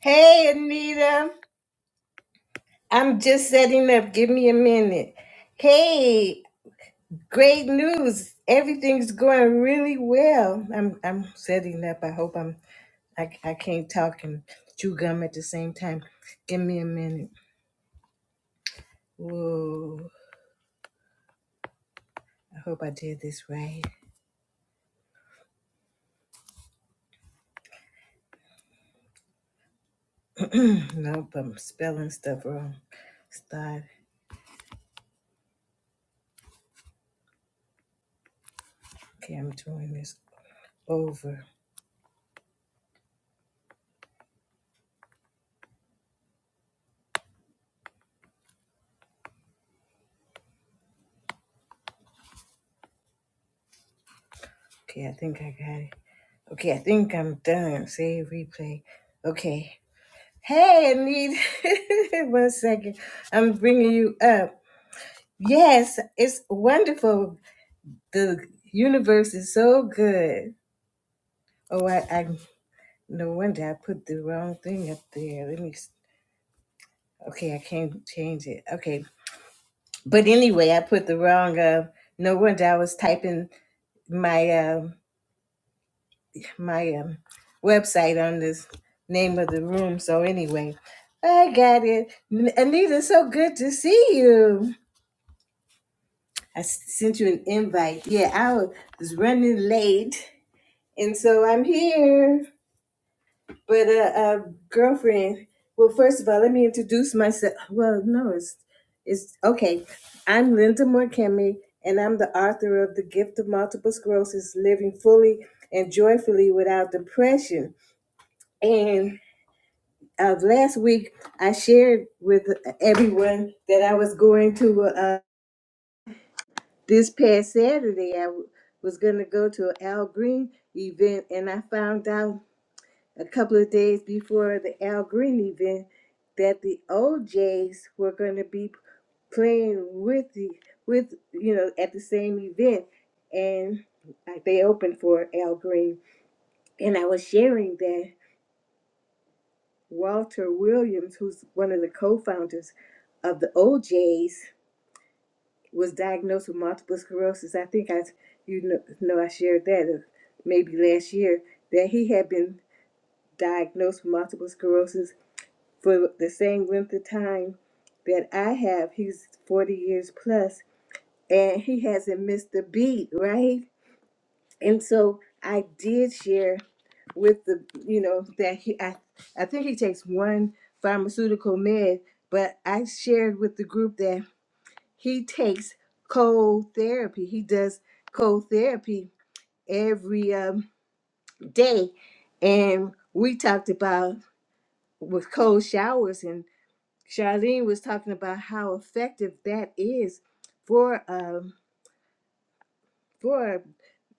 Hey, Anita. I'm just setting up. Give me a minute. Hey, great news. Everything's going really well. I'm I'm setting up. I hope I'm I, I can't talk and chew gum at the same time. Give me a minute. Whoa. I hope I did this right. nope, I'm spelling stuff wrong. Start. Okay, I'm doing this over. Okay, I think I got it. Okay, I think I'm done. Save replay. Okay. Hey, Anita. One second. I'm bringing you up. Yes, it's wonderful. The universe is so good. Oh, I, I no wonder I put the wrong thing up there. Let me. s- Okay, I can't change it. Okay, but anyway, I put the wrong. Uh, no wonder I was typing my um my um website on this name of the room. So anyway, I got it. N- Anita, so good to see you. I s- sent you an invite. Yeah, I was running late, and so I'm here. But uh, uh girlfriend. Well, first of all, let me introduce myself. Well, no, it's it's okay. I'm Linda Morkemi, and I'm the author of The Gift of Multiple Sclerosis: Living Fully and Joyfully Without Depression. And of last week, I shared with uh, everyone that I was going to. Uh, this past Saturday, I w- was going to go to an Al Green event, and I found out a couple of days before the Al Green event that the OJs were going to be playing with the with you know at the same event, and uh, they opened for Al Green, and I was sharing that Walter Williams, who's one of the co-founders of the OJs, was diagnosed with multiple sclerosis. I think I, you know, know I shared that uh, maybe last year that he had been diagnosed with multiple sclerosis for the same length of time that I have. He's 40 years plus, and he hasn't missed a beat, right? And so I did share with the, you know, that he, I, I think he takes one pharmaceutical med, but I shared with the group that he takes cold therapy. He does cold therapy every um, day. And we talked about with cold showers, and Charlene was talking about how effective that is for um, for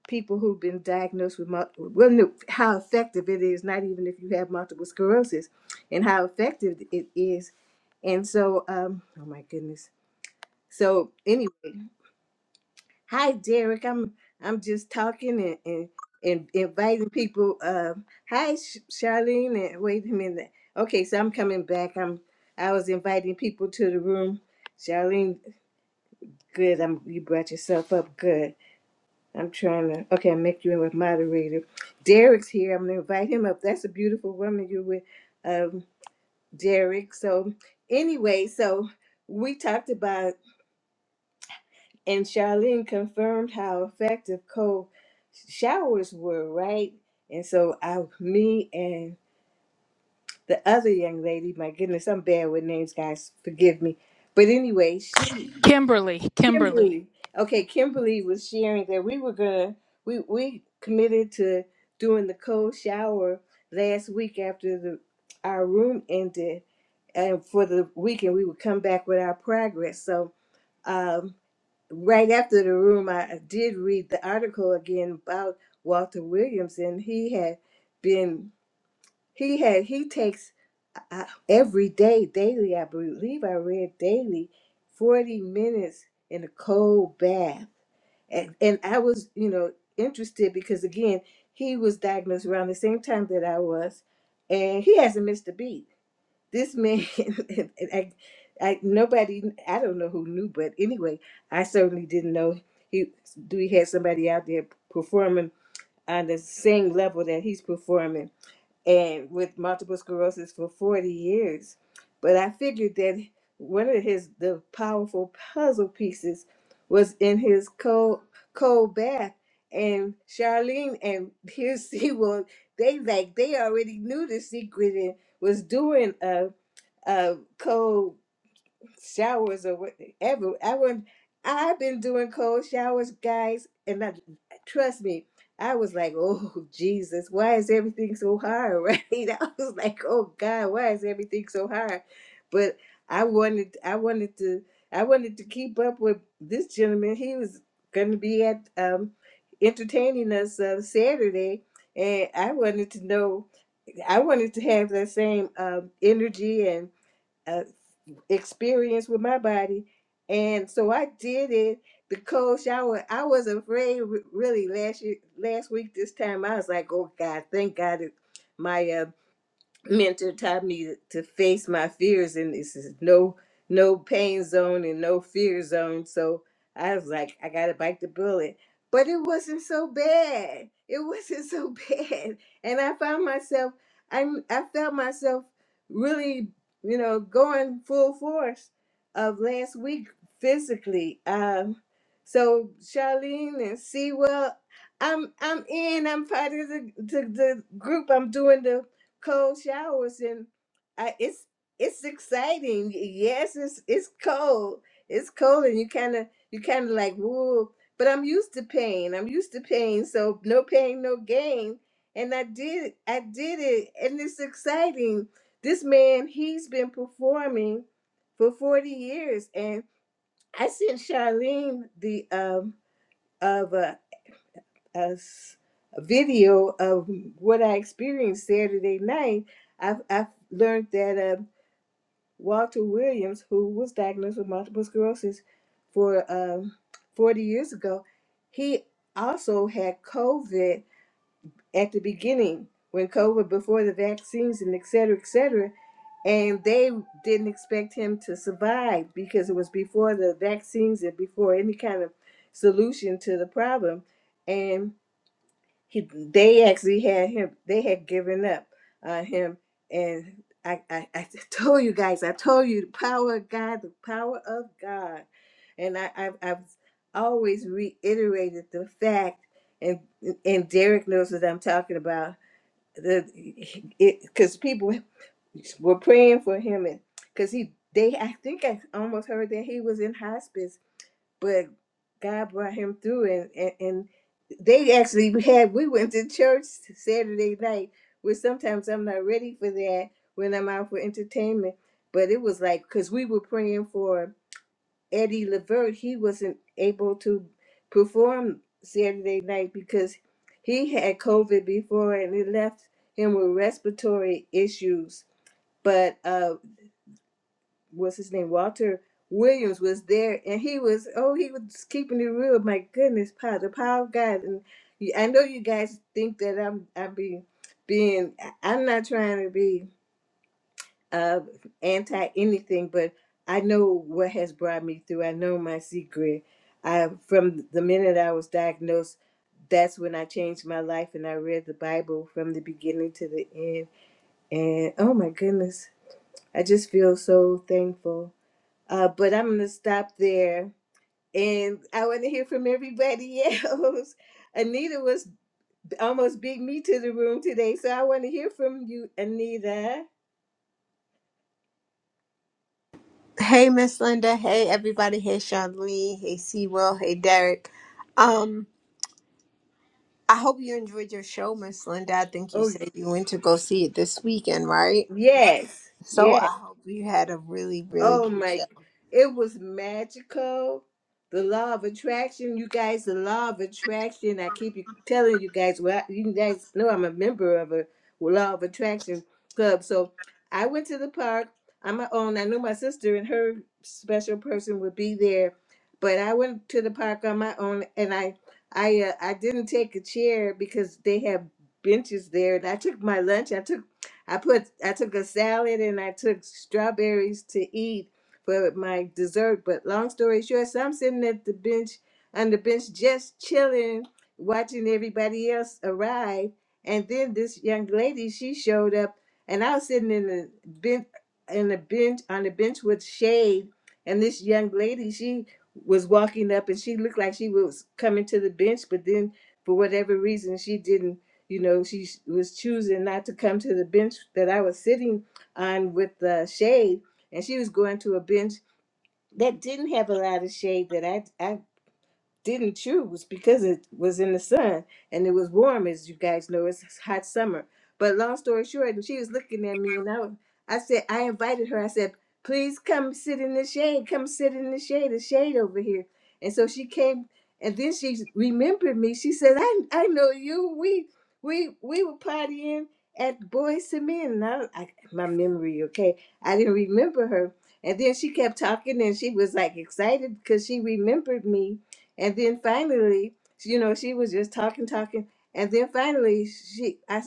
people who've been diagnosed with mul- well, no, how effective it is. Not even if you have multiple sclerosis, and how effective it is. And so, um, oh my goodness. So anyway, Hi, Derek. I'm I'm just talking and, and, and inviting people. Uh, hi, Sh- Charlene. And wait a minute. Okay, so I'm coming back. I'm I was inviting people to the room. Charlene, good. I'm you brought yourself up. Good. I'm trying to. Okay, I make you a moderator. Derek's here. I'm gonna invite him up. That's a beautiful woman you're with, um, Derek. So anyway, so we talked about. And Charlene confirmed how effective cold showers were, right? And so I, me and the other young lady, my goodness, I'm bad with names, guys, forgive me. But anyway, she, Kimberly, Kimberly. Kimberly, okay, Kimberly was sharing that we were gonna, we, we committed to doing the cold shower last week after the, our room ended. And for the weekend, we would come back with our progress. So, um, right after the room, I did read the article again about Walter Williams, and he had been he had he takes uh, every day daily. I believe I read daily, forty minutes in a cold bath, and and I was you know interested because again he was diagnosed around the same time that I was, and he hasn't missed a beat this man and I, I nobody i don't know who knew but anyway i certainly didn't know he Dewey had somebody out there performing on the same level that he's performing and with multiple sclerosis for 40 years but i figured that one of his the powerful puzzle pieces was in his cold cold bath and charlene and here she they like they already knew the secret and was doing a uh cold showers or whatever. I went I've been doing cold showers, guys, and I, trust me, I was like, "Oh Jesus, why is everything so hard?" Right? I was like, "Oh God, why is everything so hard?" But I wanted, I wanted to, I wanted to keep up with this gentleman. He was going to be at um, entertaining us uh, Saturday, and I wanted to know, I wanted to have that same um, energy uh, experience with my body. And so I did it because I was, I was afraid re- really last year, last week, this time I was like, oh God, thank God it, my uh, mentor taught me to face my fears and this is no no pain zone and no fear zone so i was like i gotta bite the bullet but it wasn't so bad it wasn't so bad and i found myself i i felt myself really you know going full force of last week physically um so charlene and sewell i'm i'm in i'm part of the, the the group i'm doing the cold showers and I, it's it's exciting. Yes, it's it's cold. It's cold and you kind of you kind of like whoa. But I'm used to pain. I'm used to pain. So no pain, no gain. And I did I did it, and it's exciting. This man, he's been performing for 40 years, and I sent Charlene the um of uh, us a video of what I experienced Saturday night, I've, I've learned that uh, Walter Williams, who was diagnosed with multiple sclerosis for um, 40 years ago, he also had COVID at the beginning when COVID, before the vaccines and et cetera, et cetera. And they didn't expect him to survive because it was before the vaccines and before any kind of solution to the problem. And he they actually had him they had given up on him and I, I i told you guys i told you the power of god the power of god and i i I've always reiterated the fact and and derek knows what i'm talking about the it because people were praying for him and because he they i think i almost heard that he was in hospice but God brought him through, and, and and they actually had. We went to church Saturday night, which sometimes I'm not ready for that when I'm out for entertainment. But it was like because we were praying for Eddie Levert, he wasn't able to perform Saturday night because he had COVID before, and it left him with respiratory issues. But uh what's his name, Walter Williams was there, and he was oh he was keeping it real. My goodness, power the power of God, and you- I know you guys think that I'm I'm being being I- I'm not trying to be uh anti anything, but I know what has brought me through. I know my secret. I from the minute I was diagnosed. That's when I changed my life and I read the Bible from the beginning to the end. And oh my goodness, I just feel so thankful uh, but I'm going to stop there. And I want to hear from everybody else. Anita was almost beat me to the room today. So I want to hear from you, Anita. Hey, Miss Linda. Hey, everybody. Hey, Sean Lee. Hey, Sewell. Hey, Derek. Um, I hope you enjoyed your show, Miss Linda. I think you Oh, said you went to go see it this weekend, right? yes. So yes. I hope you had a really, really Oh good show. my, it was magical. The law of attraction, you guys, the law of attraction. I keep you- telling you guys, well, you guys know I'm a member of a law of attraction club. So I went to the park on my own. I knew my sister and her special person would be there, but I went to the park on my own and I I uh, I didn't take a chair because they have benches there and I took my lunch. I took I put I took a salad and I took strawberries to eat for my dessert. But long story short, so I'm sitting at the bench on the bench just chilling, watching everybody else arrive. And then this young lady, she showed up and I was sitting in the bench in the bench on the bench with shade. And this young lady, she was walking up and she looked like she was coming to the bench, but then for whatever reason she didn't you know she sh- was choosing not to come to the bench that i was sitting on with the shade and she was going to a bench that didn't have a lot of shade that i i didn't choose because it was in the sun and it was warm, as you guys know. It's hot summer. But long story short, and she was looking at me, and I, was- I said, I invited her. I said, please come sit in the shade. Come sit in the shade. The shade over here. And so she came, and then she remembered me. She said, I, I know you. We we we were partying at Boys to Men. And I, I, my memory, okay, I didn't remember her. And then she kept talking, and she was like excited because she remembered me and then finally, you know, she was just talking, talking, and then finally she, I,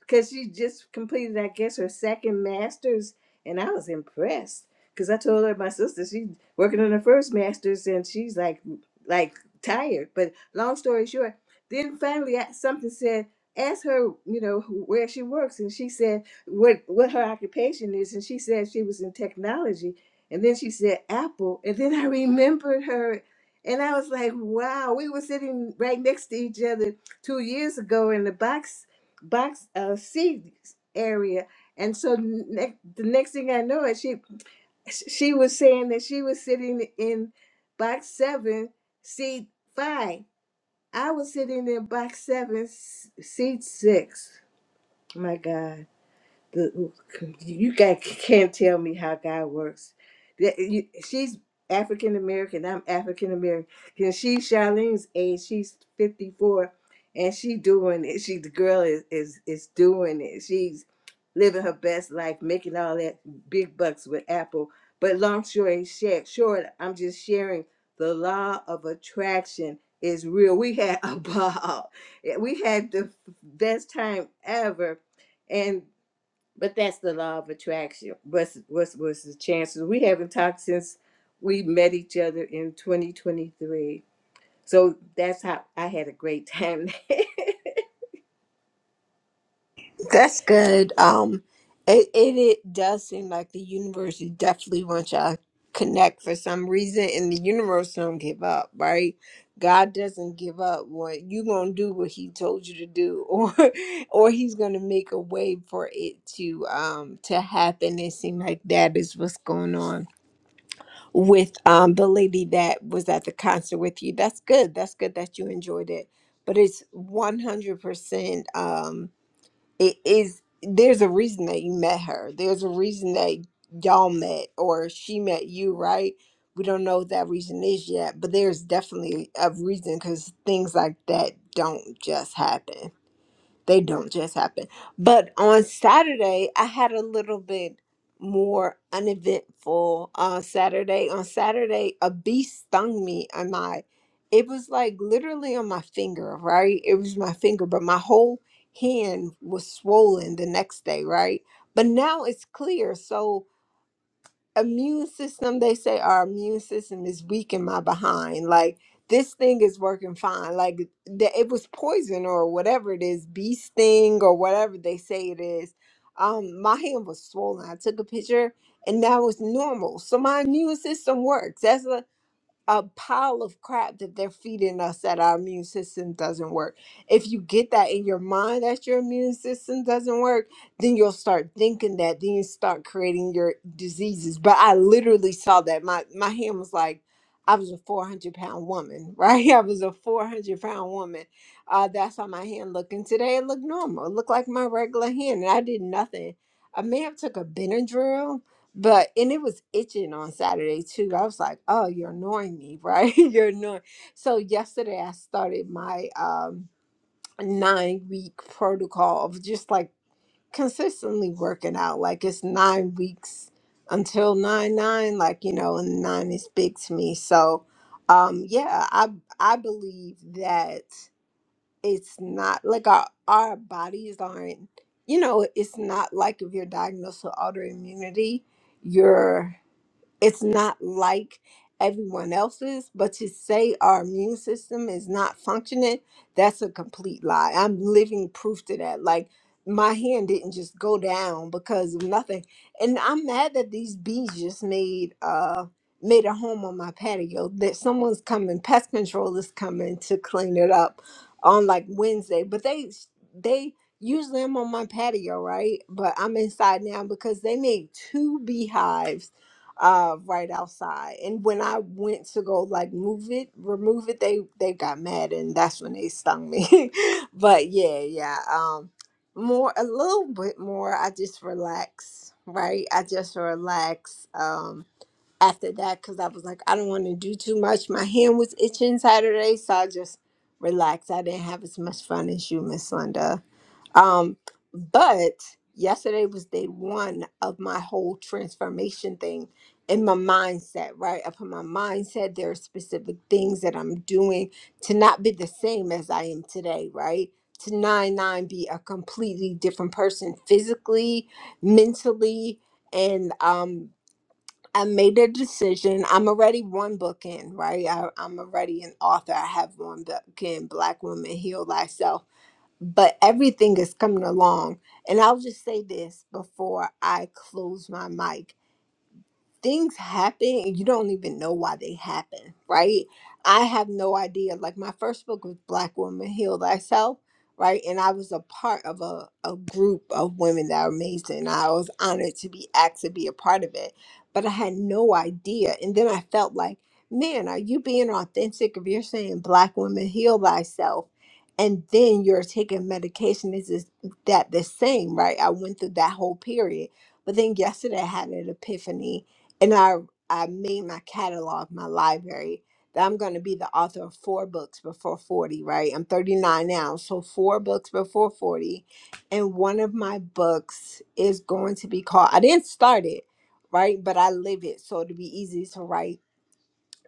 because she just completed, I guess, her second master's, and I was impressed because I told her my sister she's working on her first master's, and she's like, like tired. But long story short, then finally I, something said. ask her, you know, where she works, and she said what what her occupation is, and she said she was in technology, and then she said Apple, and then I remembered her and I was like, wow, we were sitting right next to each other two years ago in the box box uh, seat area. And so ne- the next thing I know, it she she was saying that she was sitting in box seven, seat five. I was sitting in box seven, s- seat six. My God the, you guys can't tell me how God works. That- you- She's African American. I'm African American. And she's Charlene's age. She's 54, and she doing it. She the girl is is is doing it. She's living her best life, making all that big bucks with Apple. But long story short, short, I'm just sharing the law of attraction is real. We had a ball. We had the best time ever and. But that's the law of attraction. What's what's what's the chances? We haven't talked since we met each other in 2023. So that's how I had a great time That's good. Um, it, it it does seem like the universe is definitely wants y'all to connect for some reason, and the universe don't give up, right? God doesn't give up. What you gonna do? What He told you to do, or or He's gonna make a way for it to um to happen. It seems like that is what's going on with um the lady that was at the concert with you. That's good. That's good that you enjoyed it. But it's one hundred percent. Um it is there's a reason that you met her there's a reason that y'all met or she met you right we don't know what that reason is yet but there's definitely a reason because things like that don't just happen they don't just happen. But on Saturday, I had a little bit more uneventful uh, Saturday. On Saturday, a bee stung me on my, it was like literally on my finger, right? It was my finger, but my whole hand was swollen the next day, right? But now it's clear. So, immune system they say our immune system is weak in my behind like this thing is working fine like the, it was poison or whatever it is bee sting or whatever they say it is um my hand was swollen i took a picture and that was normal so my immune system works that's a a pile of crap that they're feeding us that our immune system doesn't work. If you get that in your mind that your immune system doesn't work, then you'll start thinking that, then you start creating your diseases. But I literally saw that. My my hand was like, I was a 400 pound woman, right? I was a 400 pound woman. Uh, that's how my hand looked. And today it looked normal. It looked like my regular hand. And I did nothing. I may have took a Benadryl but and it was itching on Saturday too. I was like, "Oh, you're annoying me, right? you're annoying." So yesterday, I started my um nine week protocol of just like consistently working out. Like it's nine weeks until nine nine. Like you know, and nine is big to me. So, um, yeah, I I believe that it's not like our our bodies aren't. You know, it's not like if you're diagnosed with autoimmunity, you're it's not like everyone else's, but to say our immune system is not functioning, that's a complete lie. I'm living proof to that. Like my hand didn't just go down because of nothing. And I'm mad that these bees just made uh made a home on my patio. That someone's coming, pest control is coming to clean it up on like Wednesday. But they they usually I'm on my patio, right? But I'm inside now because they made two beehives uh right outside and when i went to go like move it remove it they they got mad and that's when they stung me but yeah yeah um more a little bit more i just relax right i just relax um after that because i was like i don't want to do too much my hand was itching saturday so i just relaxed i didn't have as much fun as you miss linda um, but yesterday was day one of my whole transformation thing in my mindset, right? Up in my mindset, there are specific things that I'm doing to not be the same as I am today, right? To nine nine be a completely different person physically, mentally, and um I made a decision. I'm already one book in, right? I, I'm already an author. I have one book in Black Woman Heal Thyself but everything is coming along. And I'll just say this before I close my mic things happen and you don't even know why they happen, right? I have no idea. Like my first book was Black Woman Heal Thyself, right? And I was a part of a, a group of women that are amazing. I was honored to be asked to be a part of it, but I had no idea. And then I felt like, man, are you being authentic if you're saying Black Woman Heal Thyself? And then you're taking medication. Is this- that the same, right? I went through that whole period. But then yesterday I had an epiphany and I I made my catalog, my library, that I'm going to be the author of four books before 40, right? I'm 39 now, so four books before 40. And one of my books is going to be called I didn't start it, right? But I live it, so it'll be easy to write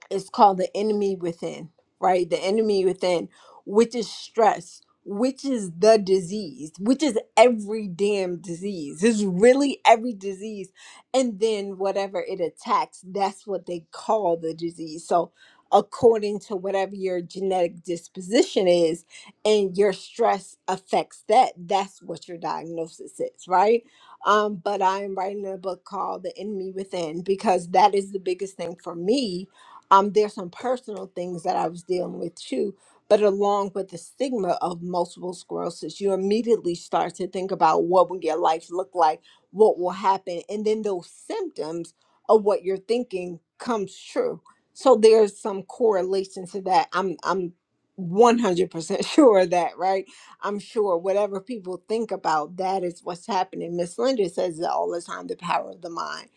it's called the enemy within, right? The enemy within, which is stress, which is the disease, which is every damn disease. It's really every disease. And then whatever it attacks, that's what they call the disease. So, according to whatever your genetic disposition is, and your stress affects that, that's what your diagnosis is, right? Um, but I am writing a book called The Enemy Within because that is the biggest thing for me um, there's some personal things that I was dealing with too. But along with the stigma of multiple sclerosis, you immediately start to think about what will your life look like, what will happen, and then those symptoms of what you're thinking comes true. So there's some correlation to that. I'm I'm 100% sure of that, right? I'm sure whatever people think about, that is what's happening. Miss Linda says it all the time, the power of the mind.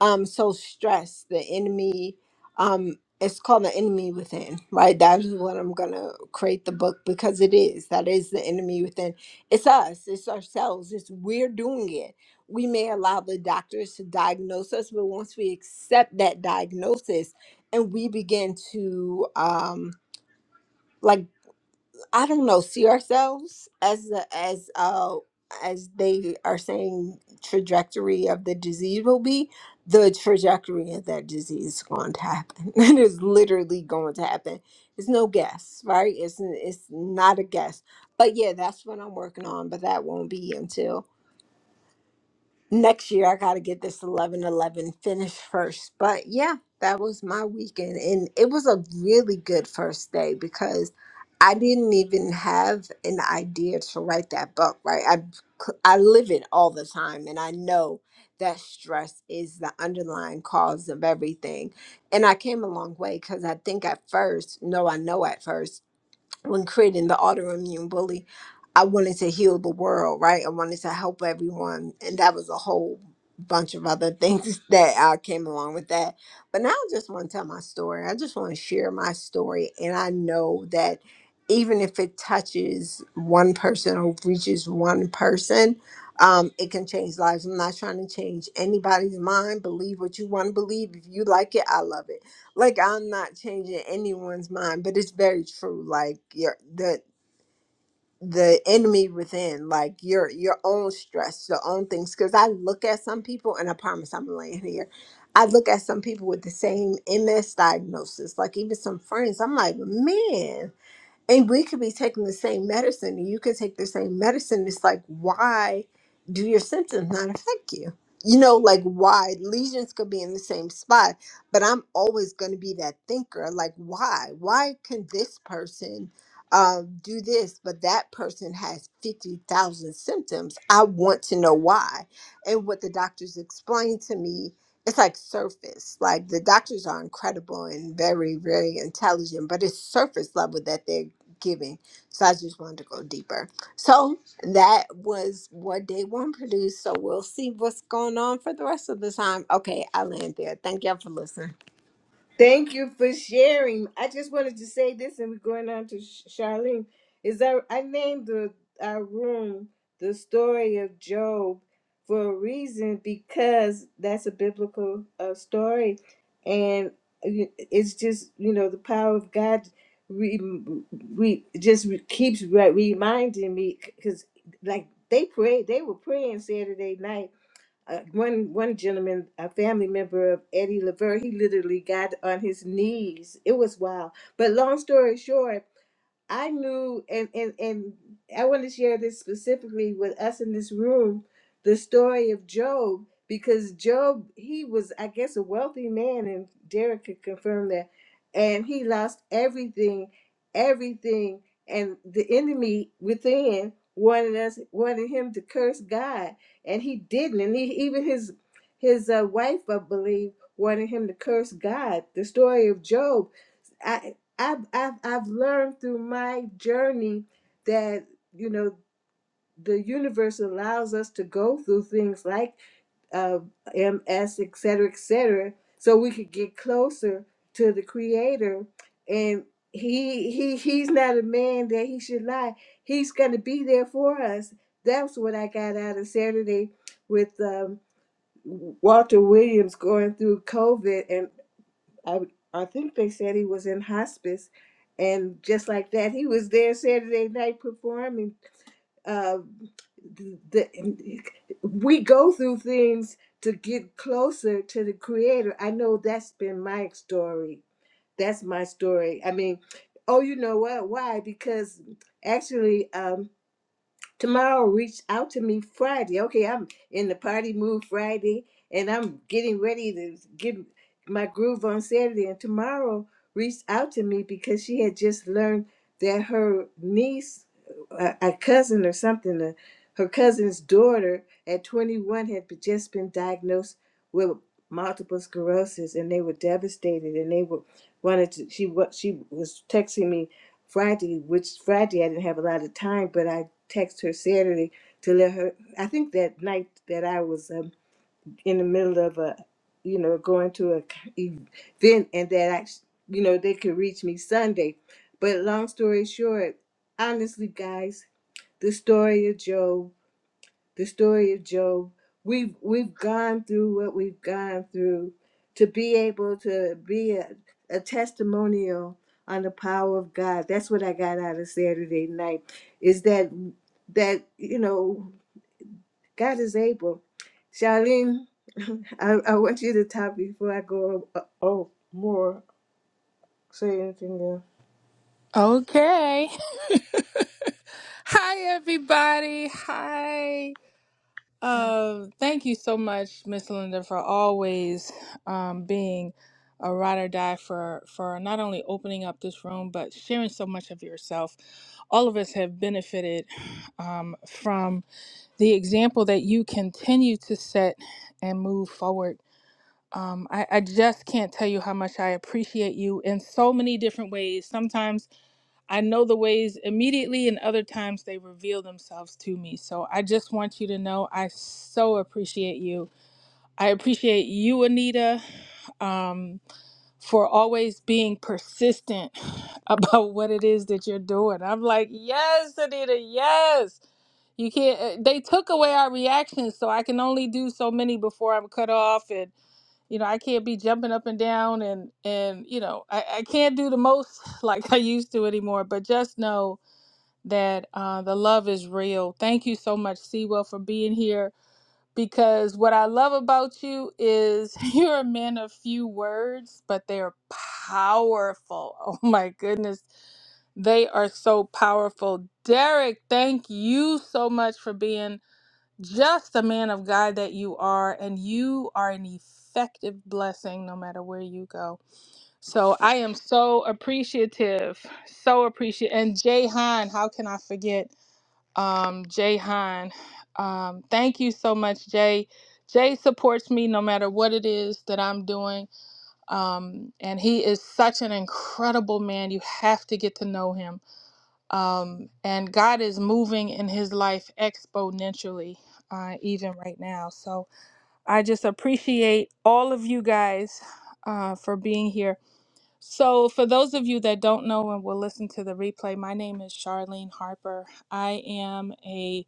Um, so stress, the enemy um, it's called the enemy within right that is what i'm gonna create the book because it is that is the enemy within it's us it's ourselves it's we're doing it we may allow the doctors to diagnose us but once we accept that diagnosis and we begin to um like I don't know, see ourselves as the as uh as they are saying trajectory of the disease will be, the trajectory of that disease is going to happen. it is literally going to happen. It's no guess, right? It's it's not a guess. But yeah, that's what I'm working on, but that won't be until next year I got to get this 11 11 finished first. But yeah, that was my weekend. And it was a really good first day because I didn't even have an idea to write that book, right? I, I live it all the time and I know that stress is the underlying cause of everything. And I came a long way because I think at first, no, I know at first when creating the autoimmune bully, I wanted to heal the world, right? I wanted to help everyone. And that was a whole bunch of other things that uh, came along with that. But now I just want to tell my story. I just want to share my story. And I know that even if it touches one person or reaches one person, um, it can change lives. I'm not trying to change anybody's mind. Believe what you want to believe. If you like it, I love it like I'm not changing anyone's mind, but it's very true. Like your the the enemy within, like your your own stress, your own things. Because I look at some people, and I promise I'm laying here. I look at some people with the same MS diagnosis, like even some friends. I'm like, man and we could be taking the same medicine and you could take the same medicine it's like why do your symptoms not affect you you know like why lesions could be in the same spot but i'm always going to be that thinker like why why can this person um, do this but that person has 50000 symptoms i want to know why and what the doctors explain to me it's like surface like the doctors are incredible and very very intelligent but it's surface level that they're giving. So I just wanted to go deeper. So that was what day one produced. So we'll see what's going on for the rest of the time. Okay, I land there. Thank y'all for listening. Thank you for sharing. I just wanted to say this, and we're going on to Sh- Charlene. Is that I named the our room the story of Job for a reason because that's a biblical uh, story, and you- it's just you know the power of God. Re, re just re, keeps re, reminding me because like they prayed, they were praying Saturday night uh, one one gentleman, a family member of Eddie Lever, he literally got on his knees. It was wild. But long story short, I knew, and, and, and I want to share this specifically with us in this room the story of Job, because Job, he was, I guess, a wealthy man, and Derek could confirm that. And he lost everything, everything. And the enemy within wanted us, wanted him to curse God, and he didn't. And he, even his, his uh, wife, I believe, wanted him to curse God. The story of Job. I've, I've I've learned through my journey that you know the universe allows us to go through things like uh, MS, et cetera, et cetera, so we could get closer to the Creator. And he he he's not a man that he should lie. He's going to be there for us. That's what I got out of Saturday with um, Walter Williams going through COVID and. I I think they said he was in hospice, and just like that, he was there Saturday night performing. Uh, the, the, we go through things to get closer to the Creator. I know that's been my story. That's my story. I mean, oh, you know what? Why? Because actually. Um, tomorrow reached out to me Friday. Okay, I'm in the party mood Friday and I'm getting ready to get my groove on Saturday. And tomorrow reached out to me because she had just learned that her niece, a, a cousin or something, uh her cousin's daughter at 21 had be- just been diagnosed with multiple sclerosis and they were devastated and they were wanted to she what she was texting me Friday, which Friday I didn't have a lot of time, but I texted her Saturday to let her. I think that night that I was um, in the middle of a, you know, going to a c- event, and that I, you know, they could reach me Sunday. But long story short, honestly, guys, the story of Job the story of Job. We've we've gone through what we've gone through to be able to be a, a testimonial on the power of God. That's what I got out of Saturday night. Is that that you know God is able. Charlene, I, I want you to talk before I go. Uh, oh, more say anything Okay. Hi, everybody. Hi. else. Um, thank you so much, Miss Linda, for always um, being a ride or die for for not only opening up this room but sharing so much of yourself. All of us have benefited um, from the example that you continue to set and move forward. Um, I, I just can't tell you how much I appreciate you in so many different ways. Sometimes I know the ways immediately, and other times they reveal themselves to me. So I just want you to know I so appreciate you. I appreciate you, Anita, um, for always being persistent about what it is that you're doing. I'm like, yes, Anita, yes. You can't, uh, they took away our reactions, so I can only do so many before I'm cut off. And you know i can't be jumping up and down and and you know i, I can't do the most like i used to anymore but just know that uh, the love is real thank you so much sewell for being here because what i love about you is you're a man of few words but they're powerful oh my goodness they are so powerful derek thank you so much for being just the man of God that you are, and you are an effective blessing no matter where you go. So I am so appreciative, so appreciative. And Jay Han, how can I forget um, Jay Han? Um, thank you so much, Jay. Jay supports me no matter what it is that I'm doing. Um, and he is such an incredible man. You have to get to know him um, and God is moving in his life exponentially, uh, even right now. So I just appreciate all of you guys uh, for being here. So, for those of you that don't know and will listen to the replay, my name is Charlene Harper. I am a,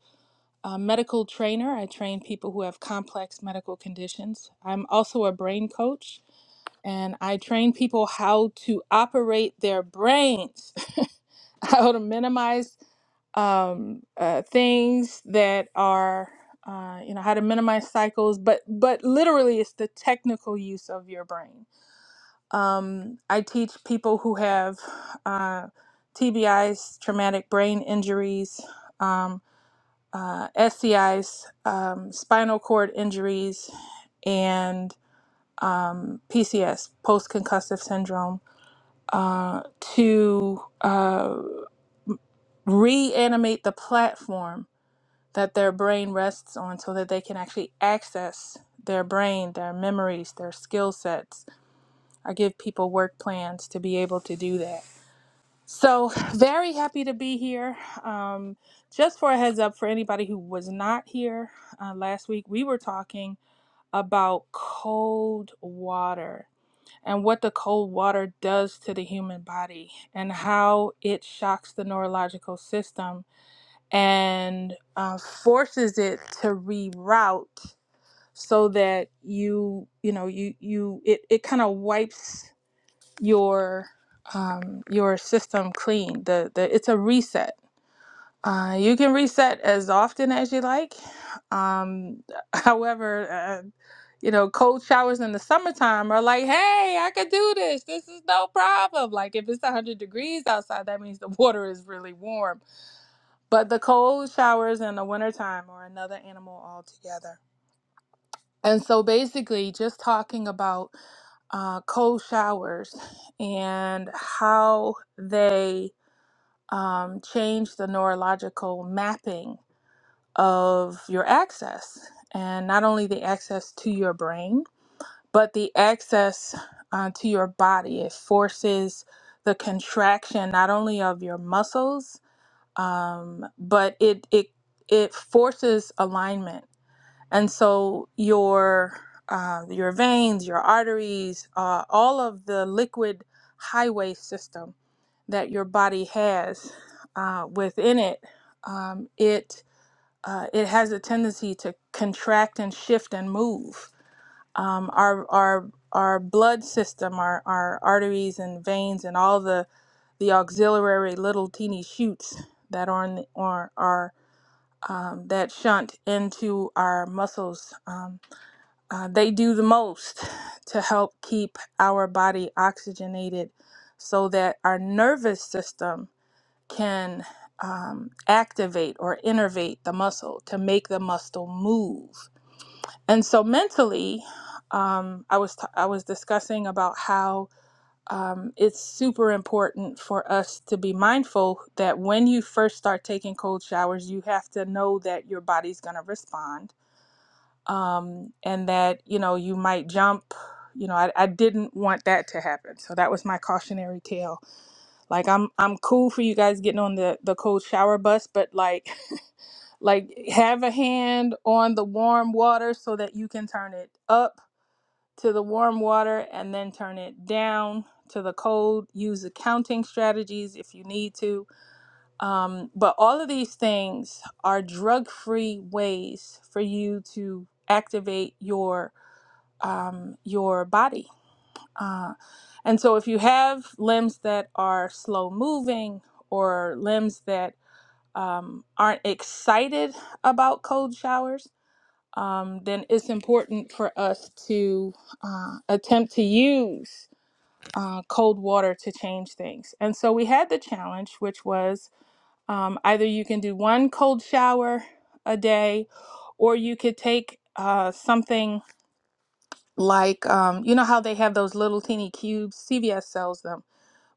uh medical trainer. I train people who have complex medical conditions. I'm also a brain coach, and I train people how to operate their brains, how to minimize um, uh, things that are uh, you know how to minimize cycles but but literally it's the technical use of your brain um, i teach people who have uh, tbis traumatic brain injuries um, uh, scis um, spinal cord injuries and um, pcs post-concussive syndrome uh, to uh, reanimate the platform that their brain rests on so that they can actually access their brain, their memories, their skill sets. I give people work plans to be able to do that. So, very happy to be here. Um, just for a heads up for anybody who was not here uh, last week, we were talking about cold water and what the cold water does to the human body and how it shocks the neurological system and uh, forces it to reroute so that you you know you you it, it kind of wipes your um, your system clean the, the it's a reset uh, you can reset as often as you like um, however uh, you know cold showers in the summertime are like hey i could do this this is no problem like if it's 100 degrees outside that means the water is really warm but the cold showers in the wintertime are another animal altogether. And so basically, just talking about uh, cold showers and how they um, change the neurological mapping of your access, and not only the access to your brain, but the access uh, to your body. It forces the contraction not only of your muscles um, but it it it forces alignment, and so your uh, your veins, your arteries, uh, all of the liquid highway system that your body has uh, within it, um, it uh, it has a tendency to contract and shift and move. Um, our our our blood system, our, our arteries and veins, and all the the auxiliary little teeny shoots that are on the, are, are um, that shunt into our muscles. Um, uh, they do the most to help keep our body oxygenated so that our nervous system can um, activate or innervate the muscle to make the muscle move. And so mentally, um, I was t- I was discussing about how um, it's super important for us to be mindful that when you first start taking cold showers, you have to know that your body's going to respond um, and that, you know, you might jump. You know, I, I didn't want that to happen. So that was my cautionary tale. Like I'm I'm cool for you guys getting on the, the cold shower bus, but like like have a hand on the warm water so that you can turn it up to the warm water and then turn it down to the cold. Use accounting strategies if you need to. Um, but all of these things are drug free ways for you to activate your um, your body. Uh, and so if you have limbs that are slow moving or limbs that um, aren't excited about cold showers, um, then it's important for us to uh, attempt to use uh, cold water to change things. And so we had the challenge, which was um, either you can do one cold shower a day, or you could take uh, something like, um, you know, how they have those little teeny cubes, CVS sells them,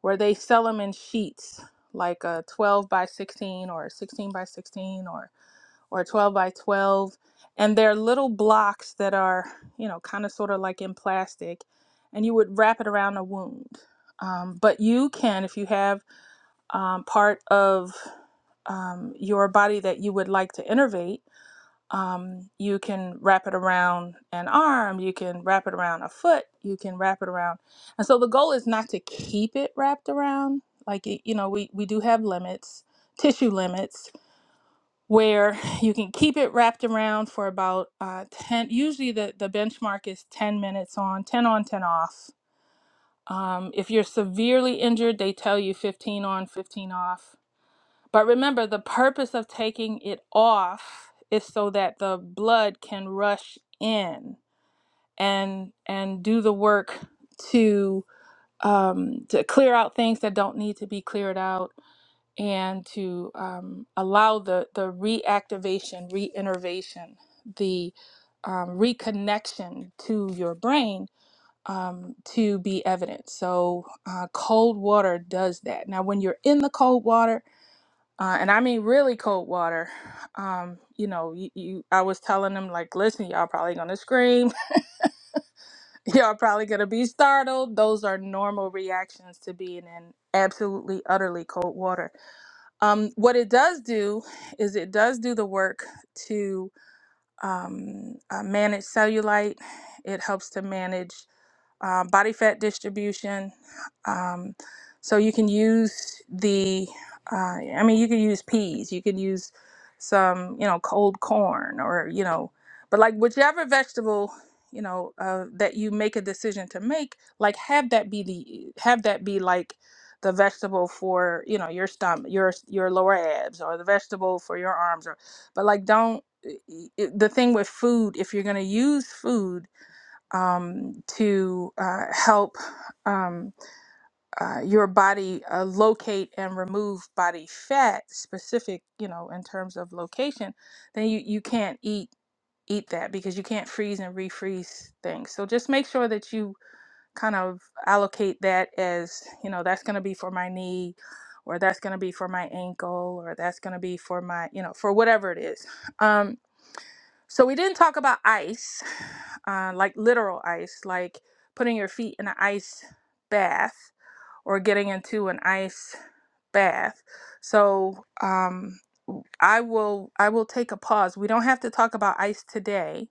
where they sell them in sheets, like a 12 by 16 or a 16 by 16, or or 12 by 12 and they're little blocks that are you know kind of sort of like in plastic and you would wrap it around a wound um, but you can if you have um, part of um, your body that you would like to innervate um, you can wrap it around an arm you can wrap it around a foot you can wrap it around and so the goal is not to keep it wrapped around like you know we, we do have limits tissue limits where you can keep it wrapped around for about uh, 10 usually the, the benchmark is 10 minutes on 10 on 10 off um, if you're severely injured they tell you 15 on 15 off but remember the purpose of taking it off is so that the blood can rush in and and do the work to um, to clear out things that don't need to be cleared out and to um, allow the, the reactivation, reinnervation, the um, reconnection to your brain um, to be evident. So, uh, cold water does that. Now, when you're in the cold water, uh, and I mean really cold water, um, you know, you, you, I was telling them, like, listen, y'all probably gonna scream, y'all probably gonna be startled. Those are normal reactions to being in absolutely, utterly cold water um, what it does do is it does do the work to um, uh, manage cellulite. It helps to manage uh, body fat distribution. Um, so you can use the, uh, I mean, you can use peas, you can use some, you know, cold corn or, you know, but like whichever vegetable, you know, uh, that you make a decision to make, like have that be the, have that be like the vegetable for, you know, your stomach, your, your lower abs or the vegetable for your arms or, but like don't, i- i- the thing with food, if you're going to use food, um, to uh, help um, uh, your body uh, locate and remove body fat specific you know in terms of location then you, you can't eat eat that because you can't freeze and refreeze things so just make sure that you kind of allocate that as you know that's going to be for my knee or that's going to be for my ankle or that's going to be for my you know for whatever it is Um, so we didn't talk about ice, uh, like literal ice, like putting your feet in an ice bath or getting into an ice bath. So um, I will I will take a pause. We don't have to talk about ice today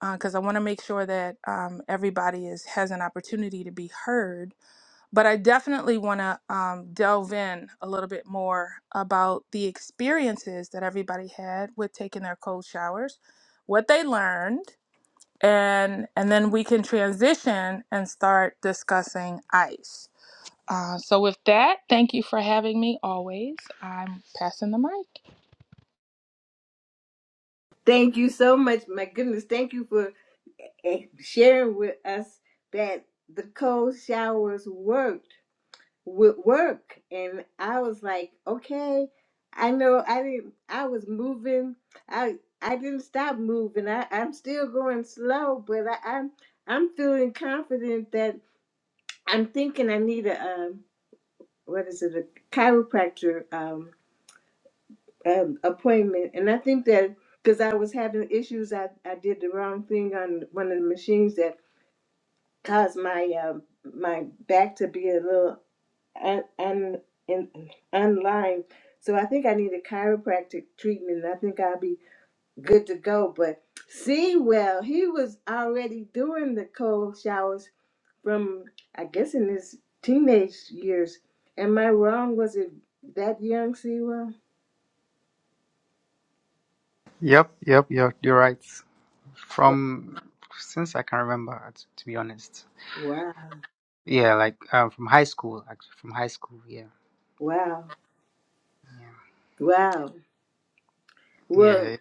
because I want to make sure that um, everybody is has an opportunity to be heard but I definitely want to um, delve in a little bit more about the experiences that everybody had with taking their cold showers, what they learned, and and then we can transition and start discussing ice. Uh, so with that, thank you for having me. Always, I'm passing the mic. Thank you so much. My goodness, thank you for eh, sharing with us that the cold showers worked would work and i was like okay i know i didn't i was moving i i didn't stop moving i i'm still going slow but i i'm i'm feeling confident that i'm thinking i need a um what is it a chiropractor um, um appointment and i think that because i was having issues i i did the wrong thing on one of the machines that caused my um my back to be a little and and and online. So I think I need a chiropractic treatment. I think I'll be good to go. But see, well, he was already doing the cold showers from I guess in his teenage years. Am I wrong? Was it that young, Sewell? Yep, yep, yep. You're right. Wow, From since I can remember, t- to be honest. wow, Yeah, like um, from high school, actually, from high school. Yeah, wow. wow. yeah, Well, yeah.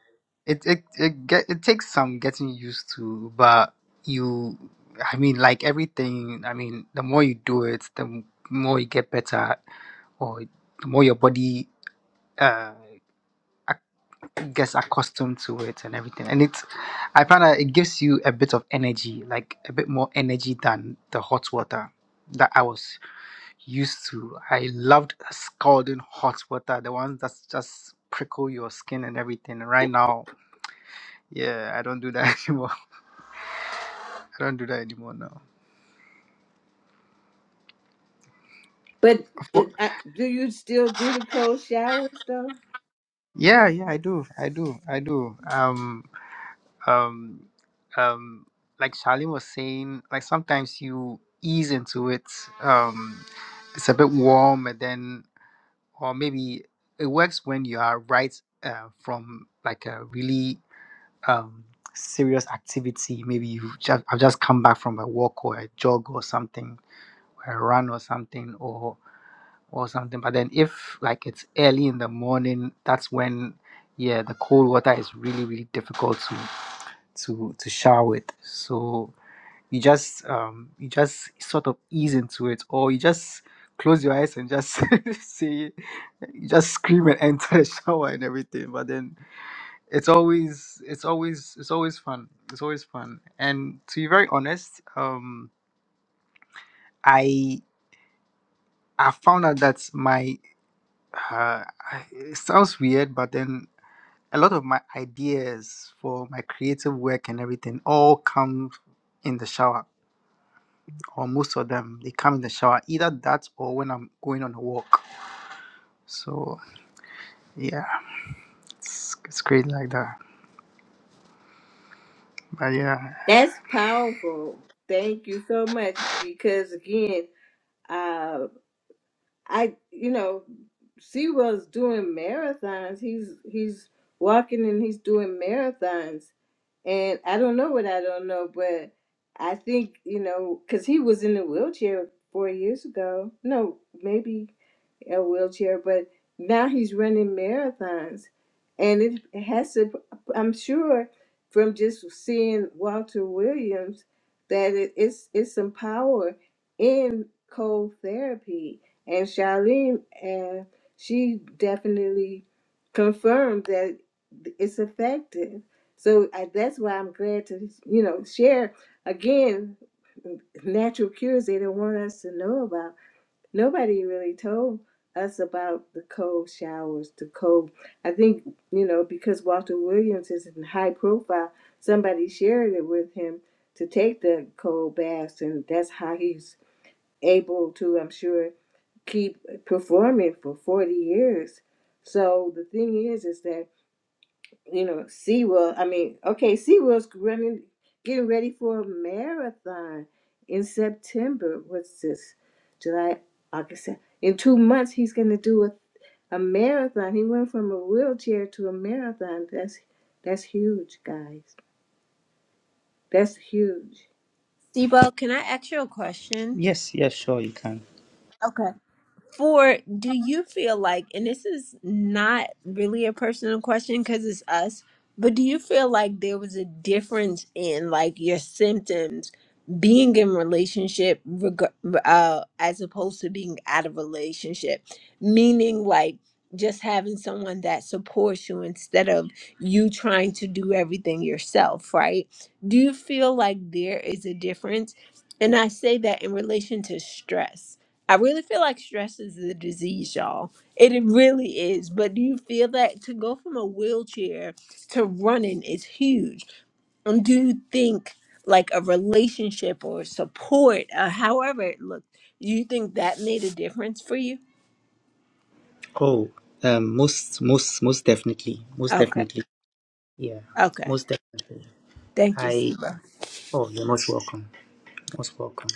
It it it get it takes some getting used to, but you, I mean, like everything. I mean, the more you do it, the m- more you get better, or the more your body uh gets accustomed to it and everything. And it's, I find that it gives you a bit of energy, like a bit more energy than the hot water that I was used to. I loved scalding hot water, the ones that just prickle your skin and everything. Right now, yeah, I don't do that anymore. I don't do that anymore now. but For- it, I, do you still do the cold showers though? Yeah, yeah, I do. I do. I do. Um um, um, like Charlene was saying, like sometimes you ease into it. Um, it's a bit warm, and then, or maybe it works when you are right uh, from like a really um, serious activity. Maybe you just, I've just come back from a walk or a jog or something, or a run or something, or or something. But then if like it's early in the morning, that's when yeah, the cold water is really really difficult to to shower with. So you just um you just sort of ease into it, or you just close your eyes and just say you just scream and enter the shower and everything. But then it's always it's always it's always fun. It's always fun. And to be very honest, um I I found out that my uh it sounds weird, but then a lot of my ideas for my creative work and everything all come in the shower or most of them they come in the shower either that or when i'm going on a walk so yeah it's, it's crazy like that but yeah That's powerful. Thank you so much because again. uh, I you know, Sewell's doing marathons. He's he's walking and he's doing marathons. And I don't know what I don't know, but I think, you know, because he was in a wheelchair four years ago. No, maybe a wheelchair, but now he's running marathons. And it has to, I'm sure from just seeing Walter Williams that it, it's, it's some power in cold therapy. And Charlene, uh, she definitely confirmed that it's effective. So I, that's why I'm glad to, you know, share again natural cures they don't want us to know about nobody really told us about the cold showers, the cold. I think, you know, because Walter Williams is in high profile, somebody shared it with him to take the cold baths, and that's how he's able to, I'm sure, keep performing for 40 years. So the thing is, is that you know, SeaWorld. I mean, okay, SeaWorld's running, getting ready for a marathon in September. What's this? July, August. Sep- In two months, he's going to do a, a marathon. He went from a wheelchair to a marathon. That's that's huge, guys. That's huge. Debo, can I ask you a question? yes yes sure you can Okay. for do you feel like and this is not really a personal question because it's us but do you feel like there was a difference in like your symptoms being in relationship reg- uh, as opposed to being out of relationship meaning like just having someone that supports you instead of you trying to do everything yourself right do you feel like there is a difference and i say that in relation to stress I really feel like stress is the disease, y'all. It it really is. But do you feel that to go from a wheelchair to running is huge? And do you think like a relationship or support, uh, however it looked, do you think that made a difference for you? oh um most most most definitely most Okay. definitely yeah Okay. most definitely Thank you, i Siba. oh you're most welcome most welcome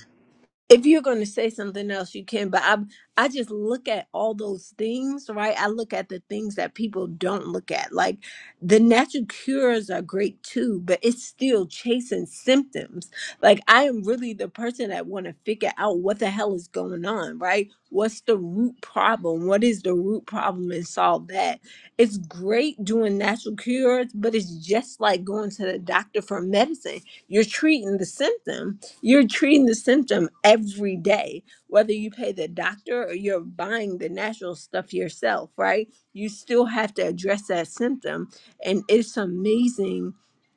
if you're going to say something else you can but i i just look at all those things right i look at the things that people don't look at like the natural cures are great too but it's still chasing symptoms like i am really the person that want to figure out what the hell is going on right what's the root problem what is the root problem and solve that it's great doing natural cures but it's just like going to the doctor for medicine you're treating the symptom you're treating the symptom every day, whether you pay the doctor or you're buying the natural stuff yourself, right? You still have to address that symptom. And it's amazing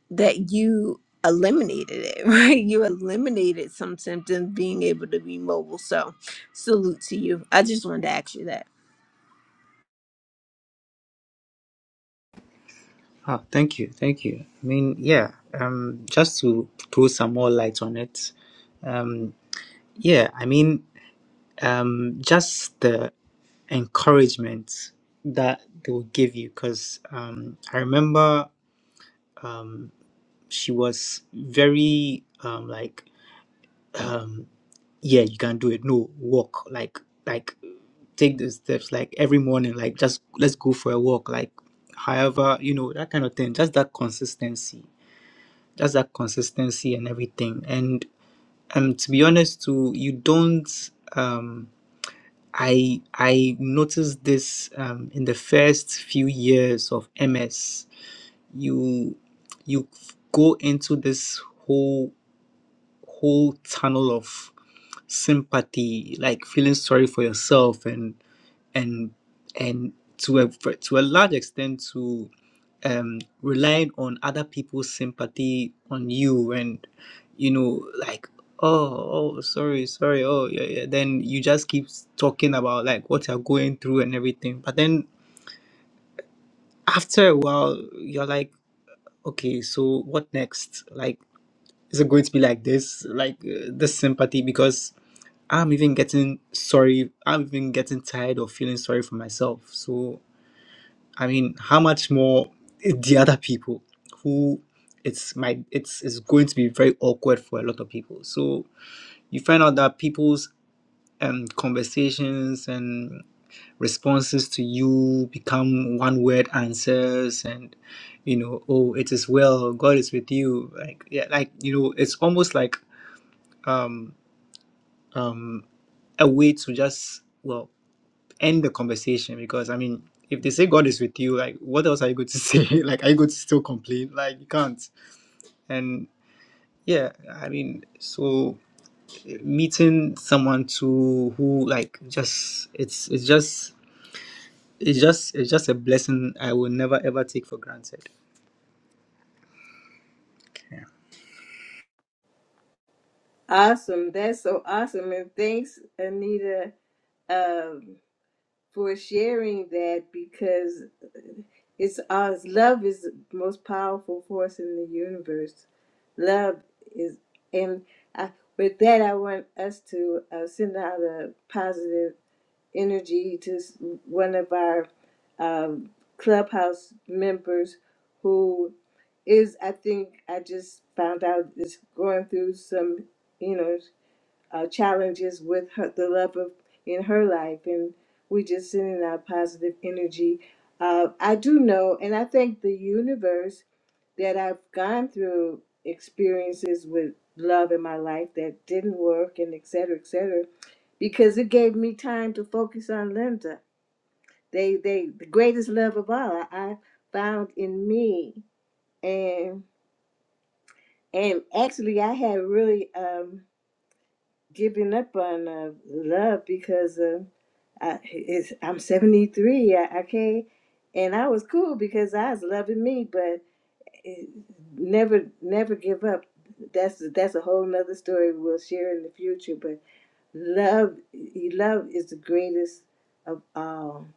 that you eliminated it, right? You eliminated some symptoms being able to be mobile. So, salute to you. I just wanted to ask you that. Ah, thank you, thank you. I mean, yeah, um, just to throw some more light on it, um, yeah, I mean, um, just the encouragement that they will give you because um, i remember she was very um, like um, yeah you can do it no walk like like take the steps like every morning like just let's go for a walk like however you know that kind of thing just that consistency just that consistency and everything and um to be honest too you don't um, I I noticed this um, in the first few years of MS. You you go into this whole whole tunnel of sympathy, like feeling sorry for yourself, and and and to a to a large extent to um relying on other people's sympathy on you and you know like oh oh sorry sorry oh yeah, yeah then you just keep talking about like what you're going through and everything but then after a while you're like okay so what next like is it going to be like this like uh, this sympathy because i'm even getting sorry i'm even getting tired of feeling sorry for myself so I mean, how much more the other people who it's my it's it's going to be very awkward for a lot of people. So you find out that people's um conversations and responses to you become one word answers and you know oh it is well god is with you like yeah like you know it's almost like um um a way to just well end the conversation because I mean, if they say God is with you, like what else are you going to say? like are you going to still complain? Like you can't. And yeah, I mean, so meeting someone to who like just it's it's just it's just it's just a blessing I will never ever take for granted. Awesome. That's so awesome. And thanks, Anita, um, for sharing that because It's us. Love is the most powerful force in the universe. Love is, and I, with that, I want us to uh, send out a positive energy to s- one of our um, clubhouse members who is, I think, I just found out is going through some, you know uh, challenges with her, the love of in her life, and we just send in our positive energy. Uh, I do know, and I thank the universe that I've gone through experiences with love in my life that didn't work, and et cetera, et cetera, because it gave me time to focus on Linda. They, they, the greatest love of all I, I found in me, and and actually I had really um, given up on uh, love because. Uh, I, it's, I'm 73, I, I can't, And I was cool because I was loving me, but it, never, never give up. That's that's a whole nother story we'll share in the future. But love, love is the greatest of all.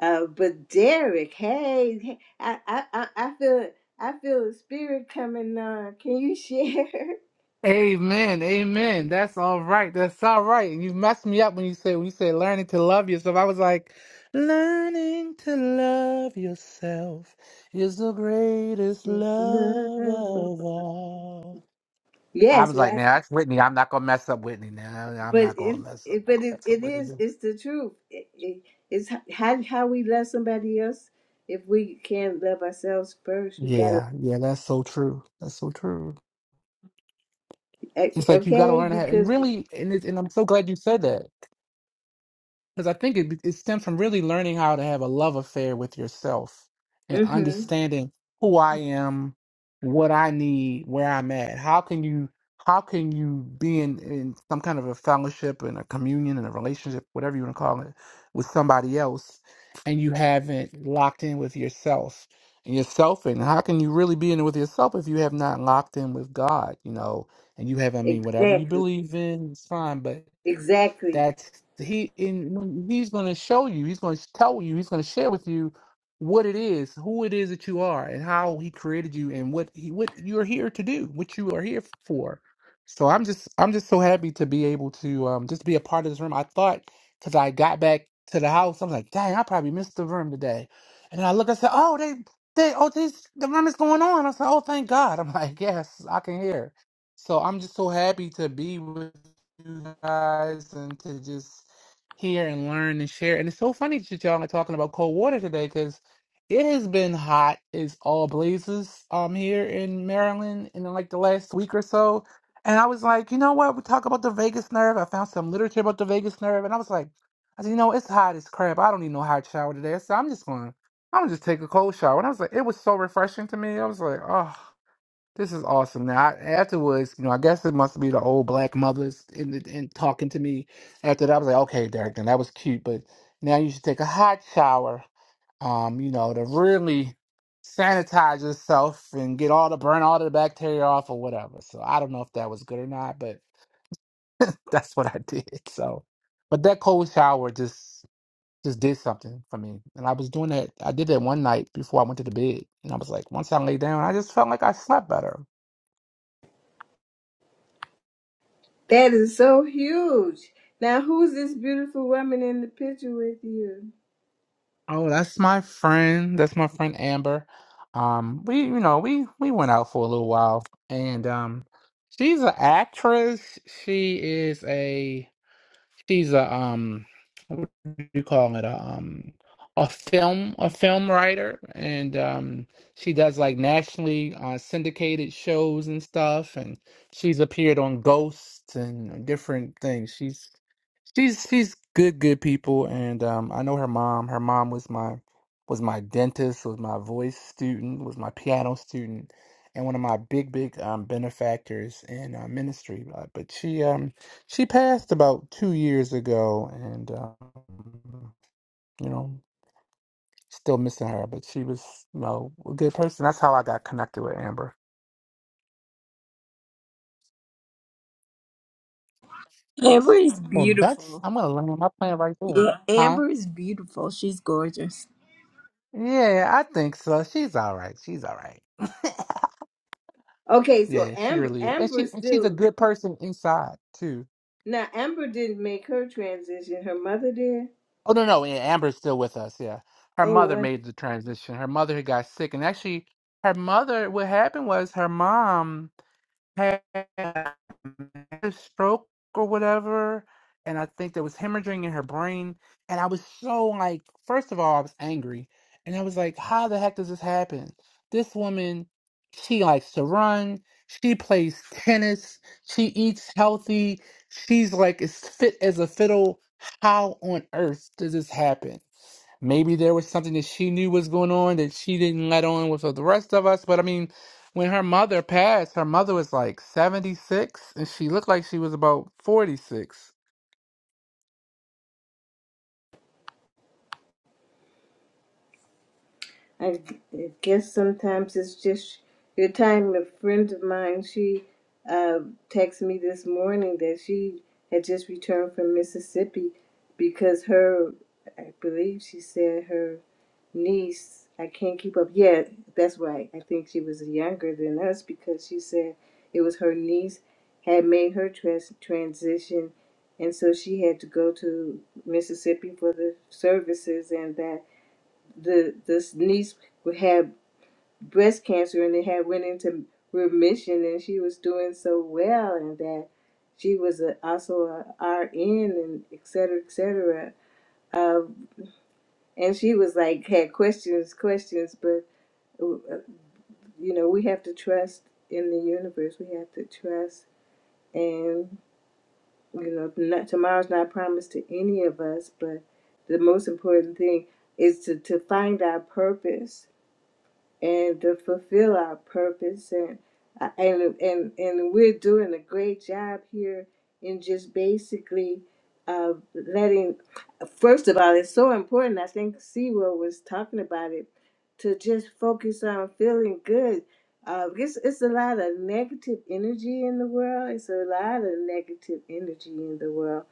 Uh, but Derek, hey, hey, I, I, I I feel, I feel the spirit coming on. Can you share? Amen, amen. That's all right. That's all right. And you messed me up when you said when you said learning to love yourself. I was like, learning to love yourself is the greatest love of Love. all. I Yes, was like, well, now that's Whitney. I'm not gonna mess up Whitney. Now I'm but not gonna it, mess up. I'm it not but gonna it, mess up it is Whitney. it's the truth it, it, it's h- how, how we love somebody else if we can't love ourselves first we gotta Yeah, yeah. That's so true. That's so true. eh, It's like you got to okay learn how, and because really, and it's, and I'm so glad you said that Because I think it, it stems from really learning how to have a love affair with yourself and hmm understanding who I am, what I need, where I'm at. How can you how can you be in, in some kind of a fellowship and a communion and a relationship, whatever you want to call it, with somebody else and you haven't locked in with yourself and yourself and how can you really be in it with yourself if you have not locked in with God, you know, and you haven't I mean whatever you exactly believe in, it's fine, but exactly that he in he's going to show you he's going to tell you he's going to share with you what it is who it is that you are and how he created you and what he what you're here to do what you are here for so i'm just i'm just so happy to be able to um just be a part of this room i thought because i got back to the house i'm like dang i probably missed the room today and then i look i said oh they they oh this the room is going on i said oh thank god i'm like yes i can hear so i'm just so happy to be with you guys and to just hear and learn and share. And it's so funny that y'all are talking about cold water today because it has been hot. It's all blazes um here in Maryland in like the last week or so. And I was like, you know what? We talk about the vagus nerve. I found some literature about the vagus nerve, and I was like, I said, you know, it's hot as crap. I don't need no hot shower today. So I'm just going. to I'm gonna just take a cold shower. And I was like, it was so refreshing to me. I was like, oh. This is awesome. Now, I, afterwards, you know, I guess it must be the old black mothers in, the, in talking to me. After that, I was like, okay, Derek, then that was cute, but now you should take a hot shower, um, you know, to really sanitize yourself and get all the burn all the bacteria off or whatever. So I don't know if that was good or not, but that's what I did. So, but that cold shower just just did something for me, and I was doing that. I did that one night before I went to the bed, and I was like, once I lay down, I just felt like I slept better. that is so huge now who's this beautiful woman in the picture with you Oh, that's my friend. That's my friend Amber. Um, we you know we we went out for a little while, and um, she's an actress. She is a she's a um what do you call it a um a film a film writer and um she does like nationally uh, syndicated shows and stuff and she's appeared on ghosts and different things she's she's she's good good people and um I know her mom her mom was my was my dentist was my voice student was my piano student and one of my big big um benefactors in uh, ministry uh, but she um she passed about two years ago, and um, you know, still missing her, but she was, you know, a good person. That's how I got connected with Amber. Amber is Well, that's beautiful. I'm gonna land my plan right there, Yeah, huh? Amber is beautiful. She's gorgeous. Yeah, I think so. She's all right. She's all right. okay so yeah, she amber really is, and amber she and she's a still good person inside too. now amber didn't make her transition her mother did Oh no, no, yeah, Amber's still with us. Yeah, her mother oh made the transition. Her mother had got sick, and actually, her mother. What happened was her mom. had a stroke or whatever, and I think there was hemorrhaging in her brain. And I was so like, first of all, I was angry, and I was like, how the heck does this happen? This woman, she likes to run, she plays tennis, she eats healthy, she's like as fit as a fiddle. How on earth does this happen? Maybe there was something that she knew was going on that she didn't let on with the rest of us. But I mean, when her mother passed, her mother was like 76 and she looked like she was about 46. I guess sometimes it's just your time. A friend of mine, she uh, texted me this morning that she had just returned from Mississippi because her, I believe she said her niece, I can't keep up. Yeah, that's right. I think she was younger than us because she said it was her niece had made her trans- transition. And so she had to go to Mississippi for the services, and that the this niece had breast cancer and it had went into remission and she was doing so well and that she was a, also a RN and et cetera, et cetera. Um, and she was like had questions, questions, but uh, you know we have to trust in the universe. We have to trust, and you know not, tomorrow's not promised to any of us, but the most important thing is to to find our purpose and to fulfill our purpose and uh, and and, and we're doing a great job here in just basically uh, letting first of all it's so important i think Sewell was talking about it to just focus on feeling good uh, it's, it's a lot of negative energy in the world it's a lot of negative energy in the world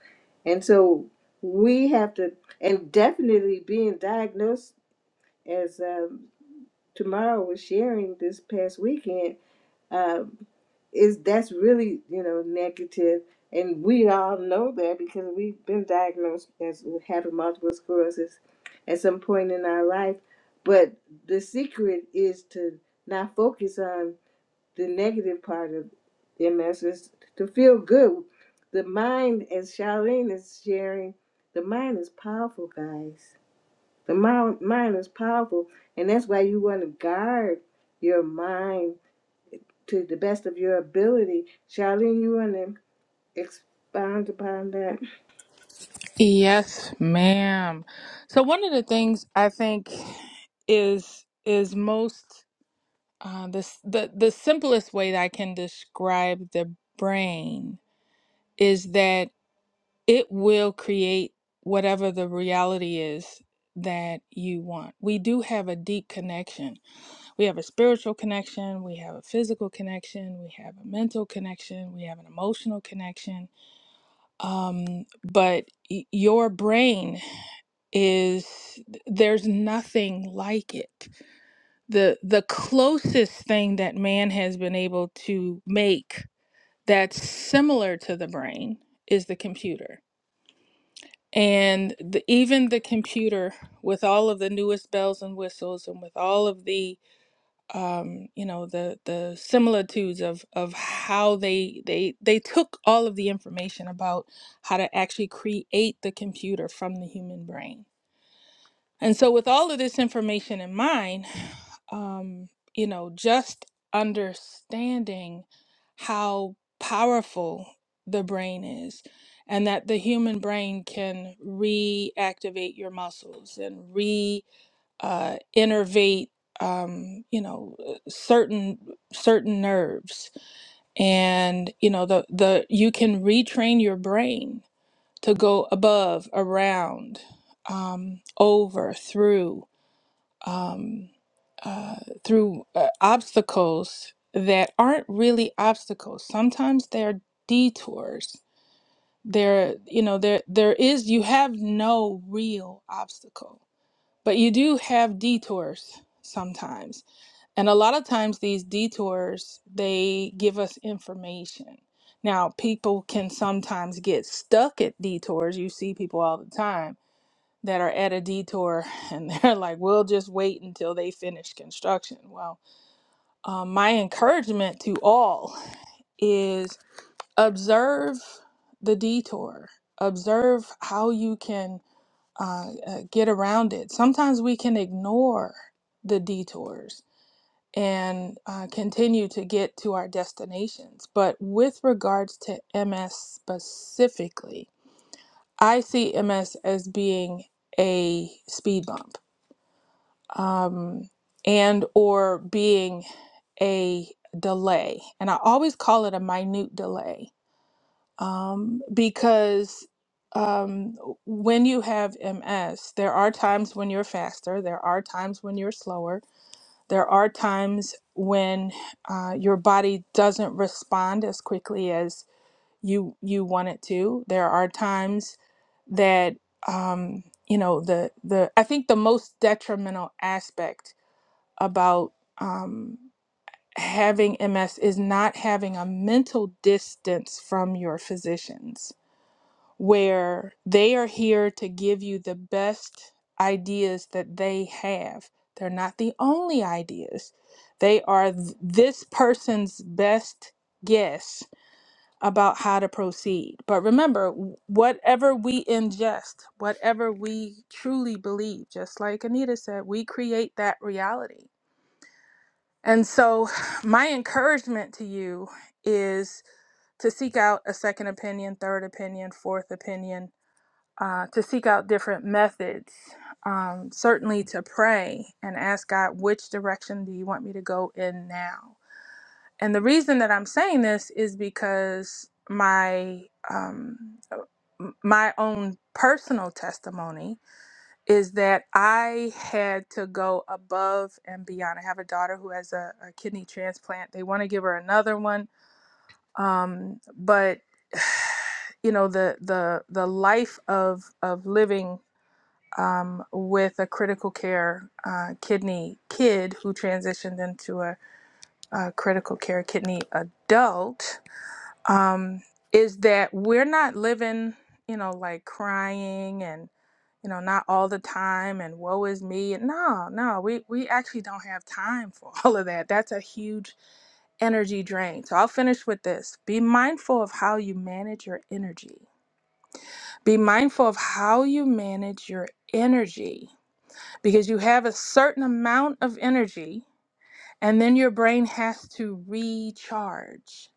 and so we have to and definitely being diagnosed as. um, Tomorrow was sharing this past weekend um, is that's really you know negative, and we all know that because we've been diagnosed as having multiple sclerosis at some point in our life. But the secret is to not focus on the negative part of MS, is to feel good. The mind, as Charlene is sharing, the mind is powerful, guys the mind, mind is powerful, and that's why you want to guard your mind to the best of your ability. Charlene, you want to expound upon that? Yes, ma'am. So one of the things I think is is most uh, this the the simplest way that I can describe the brain is that it will create whatever the reality is that you want. We do have a deep connection. We have a spiritual connection, we have a physical connection, we have a mental connection, we have an emotional connection. Um but y- your brain is there's nothing like it the the closest thing that man has been able to make that's similar to the brain is the computer and the, even the computer with all of the newest bells and whistles and with all of the um, you know the the similitudes of of how they they they took all of the information about how to actually create the computer from the human brain and so with all of this information in mind um, you know, just understanding how powerful the brain is and that the human brain can reactivate your muscles and re uh, innervate um, you know uh, certain certain nerves and you know the the you can retrain your brain to go above around um, over through um, uh, through uh, obstacles that aren't really obstacles. Sometimes they're detours. There, you know, there there is you have no real obstacle, but you do have detours sometimes. And a lot of times these detours, they give us information. Now, people can sometimes get stuck at detours. You see people all the time that are at a detour and they're like, we'll just wait until they finish construction. Well, um, my encouragement to all is observe the detour, observe how you can uh, uh, get around it. Sometimes we can ignore the detours and uh, continue to get to our destinations. But with regards to MS specifically, I see MS as being a speed bump um, and or being a delay and i always call it a minute delay um, because um, when you have ms there are times when you're faster there are times when you're slower there are times when uh, your body doesn't respond as quickly as you you want it to there are times that um, you know the the i think the most detrimental aspect about um, having MS is not having a mental distance from your physicians, where they are here to give you the best ideas that they have. They're not the only ideas, they are th- this person's best guess about how to proceed. But remember, w- whatever we ingest, whatever we truly believe, just like Anita said, we create that reality and so, my encouragement to you is to seek out a second opinion, third opinion, fourth opinion, uh, to seek out different methods. Um, certainly to pray and ask God, which direction do you want me to go in now? And the reason that I'm saying this is because my um, my own personal testimony is that I had to go above and beyond. I have a daughter who has a, a kidney transplant. They want to give her another one, um, but you know the the the life of of living um, with a critical care uh, kidney kid who transitioned into a, a critical care kidney adult um, is that we're not living, you know, like crying and you know, not all the time and woe is me. No, no, we, we actually don't have time for all of that. That's a huge energy drain. So I'll finish with this. Be mindful of how you manage your energy. Be mindful of how you manage your energy because you have a certain amount of energy and then your brain has to recharge.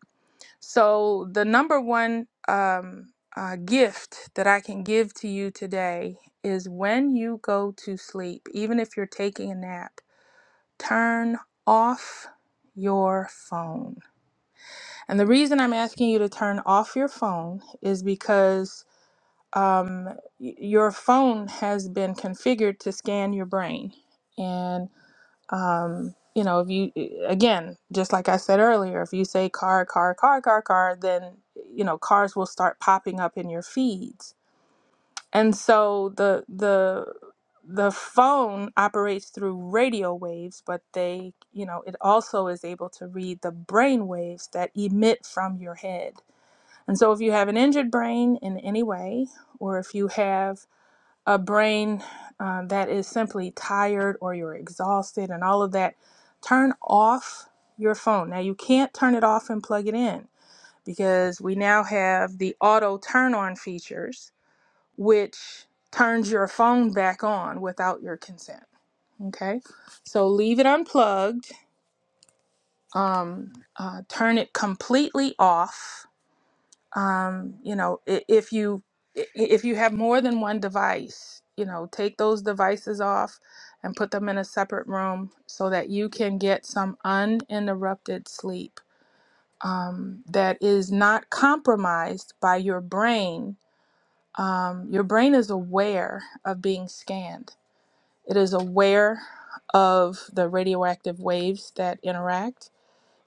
So, the number one um, uh, gift that I can give to you today is when you go to sleep, even if you're taking a nap, turn off your phone. And the reason I'm asking you to turn off your phone is because um, y- your phone has been configured to scan your brain. and um you know if you eh, again just like i said earlier if you say car car car car car then you know cars will start popping up in your feeds and so the the the phone operates through radio waves but they you know it also is able to read the brain waves that emit from your head and so if you have an injured brain in any way or if you have a brain uh, that is simply tired or you're exhausted and all of that, turn off your phone. Now, you can't turn it off and plug it in because we now have the auto turn on features, which turns your phone back on without your consent. Okay, so leave it unplugged, um, uh, turn it completely off um, you know i- if you i- if you have more than one device you know take those devices off and put them in a separate room so that you can get some uninterrupted sleep um, that is not compromised by your brain um, your brain is aware of being scanned it is aware of the radioactive waves that interact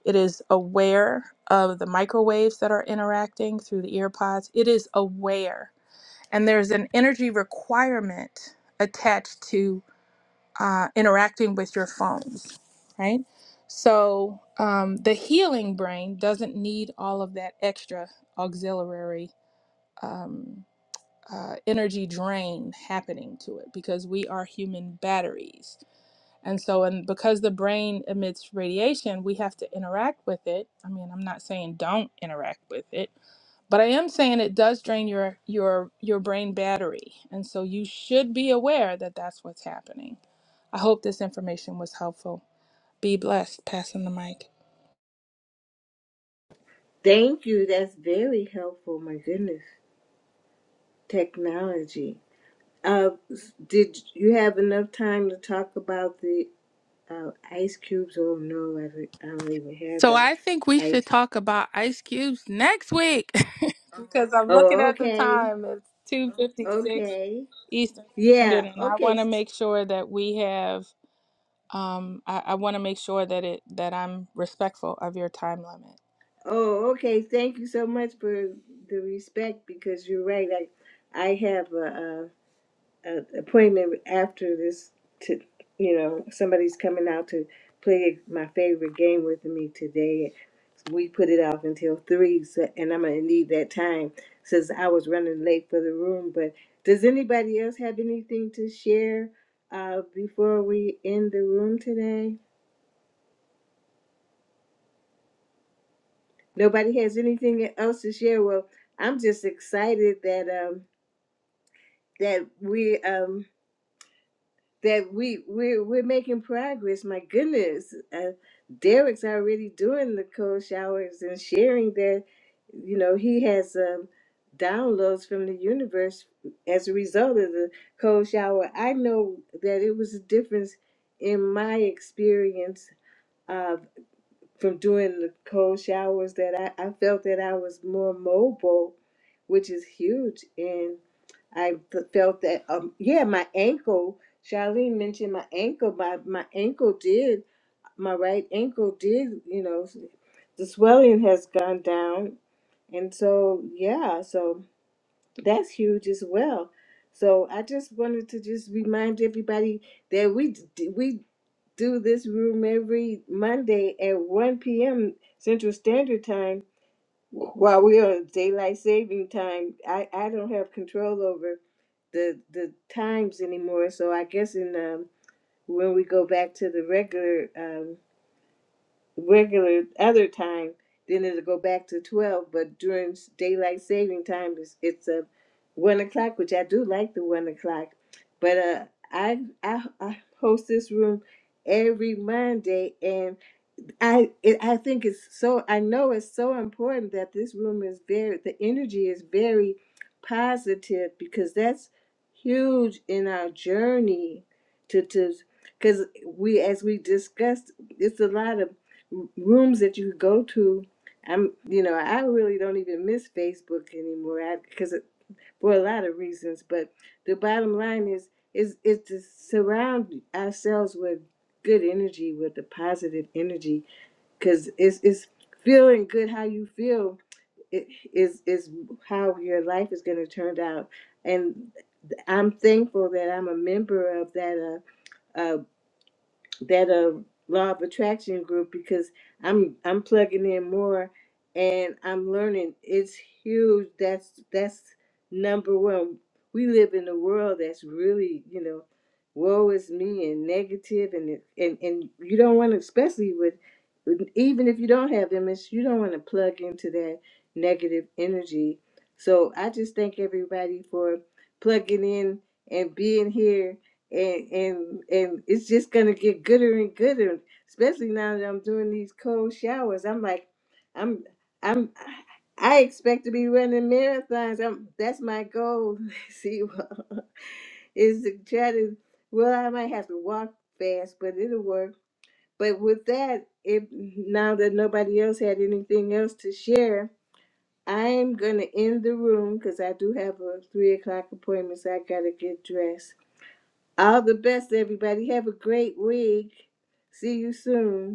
it is aware of the microwaves that are interacting through the ear pods. It is aware. And there's an energy requirement attached to uh, interacting with your phones, right? So um, the healing brain doesn't need all of that extra auxiliary um, uh, energy drain happening to it because we are human batteries. And so, and because the brain emits radiation, we have to interact with it. I mean, I'm not saying don't interact with it, but I am saying it does drain your your your brain battery. And so you should be aware that that's what's happening. I hope this information was helpful. Be blessed. Passing the mic. Thank you. That's very helpful. My goodness, technology. Uh, did you have enough time to talk about the uh, ice cubes? Oh no, I don't, I don't even have So a I think we should ice. talk about ice cubes next week because I'm looking Oh, at the okay, time. It's 2:56 okay, Eastern yeah, Standard and I okay. want to make sure that we have Um, I, I want to make sure that it that I'm respectful of your time limit. Oh, okay. Thank you so much for the respect because you're right. I, I have a, a, a appointment after this to, you know, somebody's coming out to play my favorite game with me today. We put it off until three, so, and I'm gonna need that time since I was running late for the room. But does anybody else have anything to share uh, before we end the room today? Nobody has anything else to share. Well, I'm just excited that um that we um that we we're we're making progress. My goodness, uh, Derek's already doing the cold showers and sharing that you know he has um downloads from the universe as a result of the cold shower. I know that it was a difference in my experience from doing the cold showers that I, I felt that I was more mobile, which is huge. And I f- felt that, um, yeah, my ankle, Charlene mentioned my ankle, my, my ankle did, my right ankle did, you know, the swelling has gone down. And so, yeah, so that's huge as well. So I just wanted to just remind everybody that we we do this room every Monday at 1 p.m. Central Standard Time while we are on daylight saving time. I, I don't have control over the the times anymore, so I guess in um, when we go back to the regular um regular other time, then it'll go back to twelve. But during s- daylight saving time, it's it's a one o'clock, which I do like the one o'clock. But uh, I I, I host this room every Monday, and I it, I think it's so I know it's so important that this room is very the energy is very positive because that's huge in our journey to to because we as we discussed it's a lot of rooms that you go to I'm you know I really don't even miss Facebook anymore because for a lot of reasons but the bottom line is is is to surround ourselves with good energy with the positive energy because it's it's feeling good how you feel it is is how your life is going to turn out and i'm thankful that i'm a member of that uh, uh, that uh, law of attraction group because I'm I'm plugging in more and I'm learning. It's huge. That's that's number one. We live in a world that's really you know, woe is me and negative and it- and and you don't want to, especially with even if you don't have MS, you don't want to plug into that negative energy. So I just thank everybody for plugging in and being here and and and it's just gonna get gooder and gooder. Especially now that I'm doing these cold showers, I'm like, I'm I'm I expect to be running marathons. I'm that's my goal. See, well, is to try to. Well, I might have to walk fast, but it'll work. But with that, if now that nobody else had anything else to share, I'm gonna end the room because I do have a three o'clock appointment. So I gotta get dressed. All the best, everybody. Have a great week. See you soon.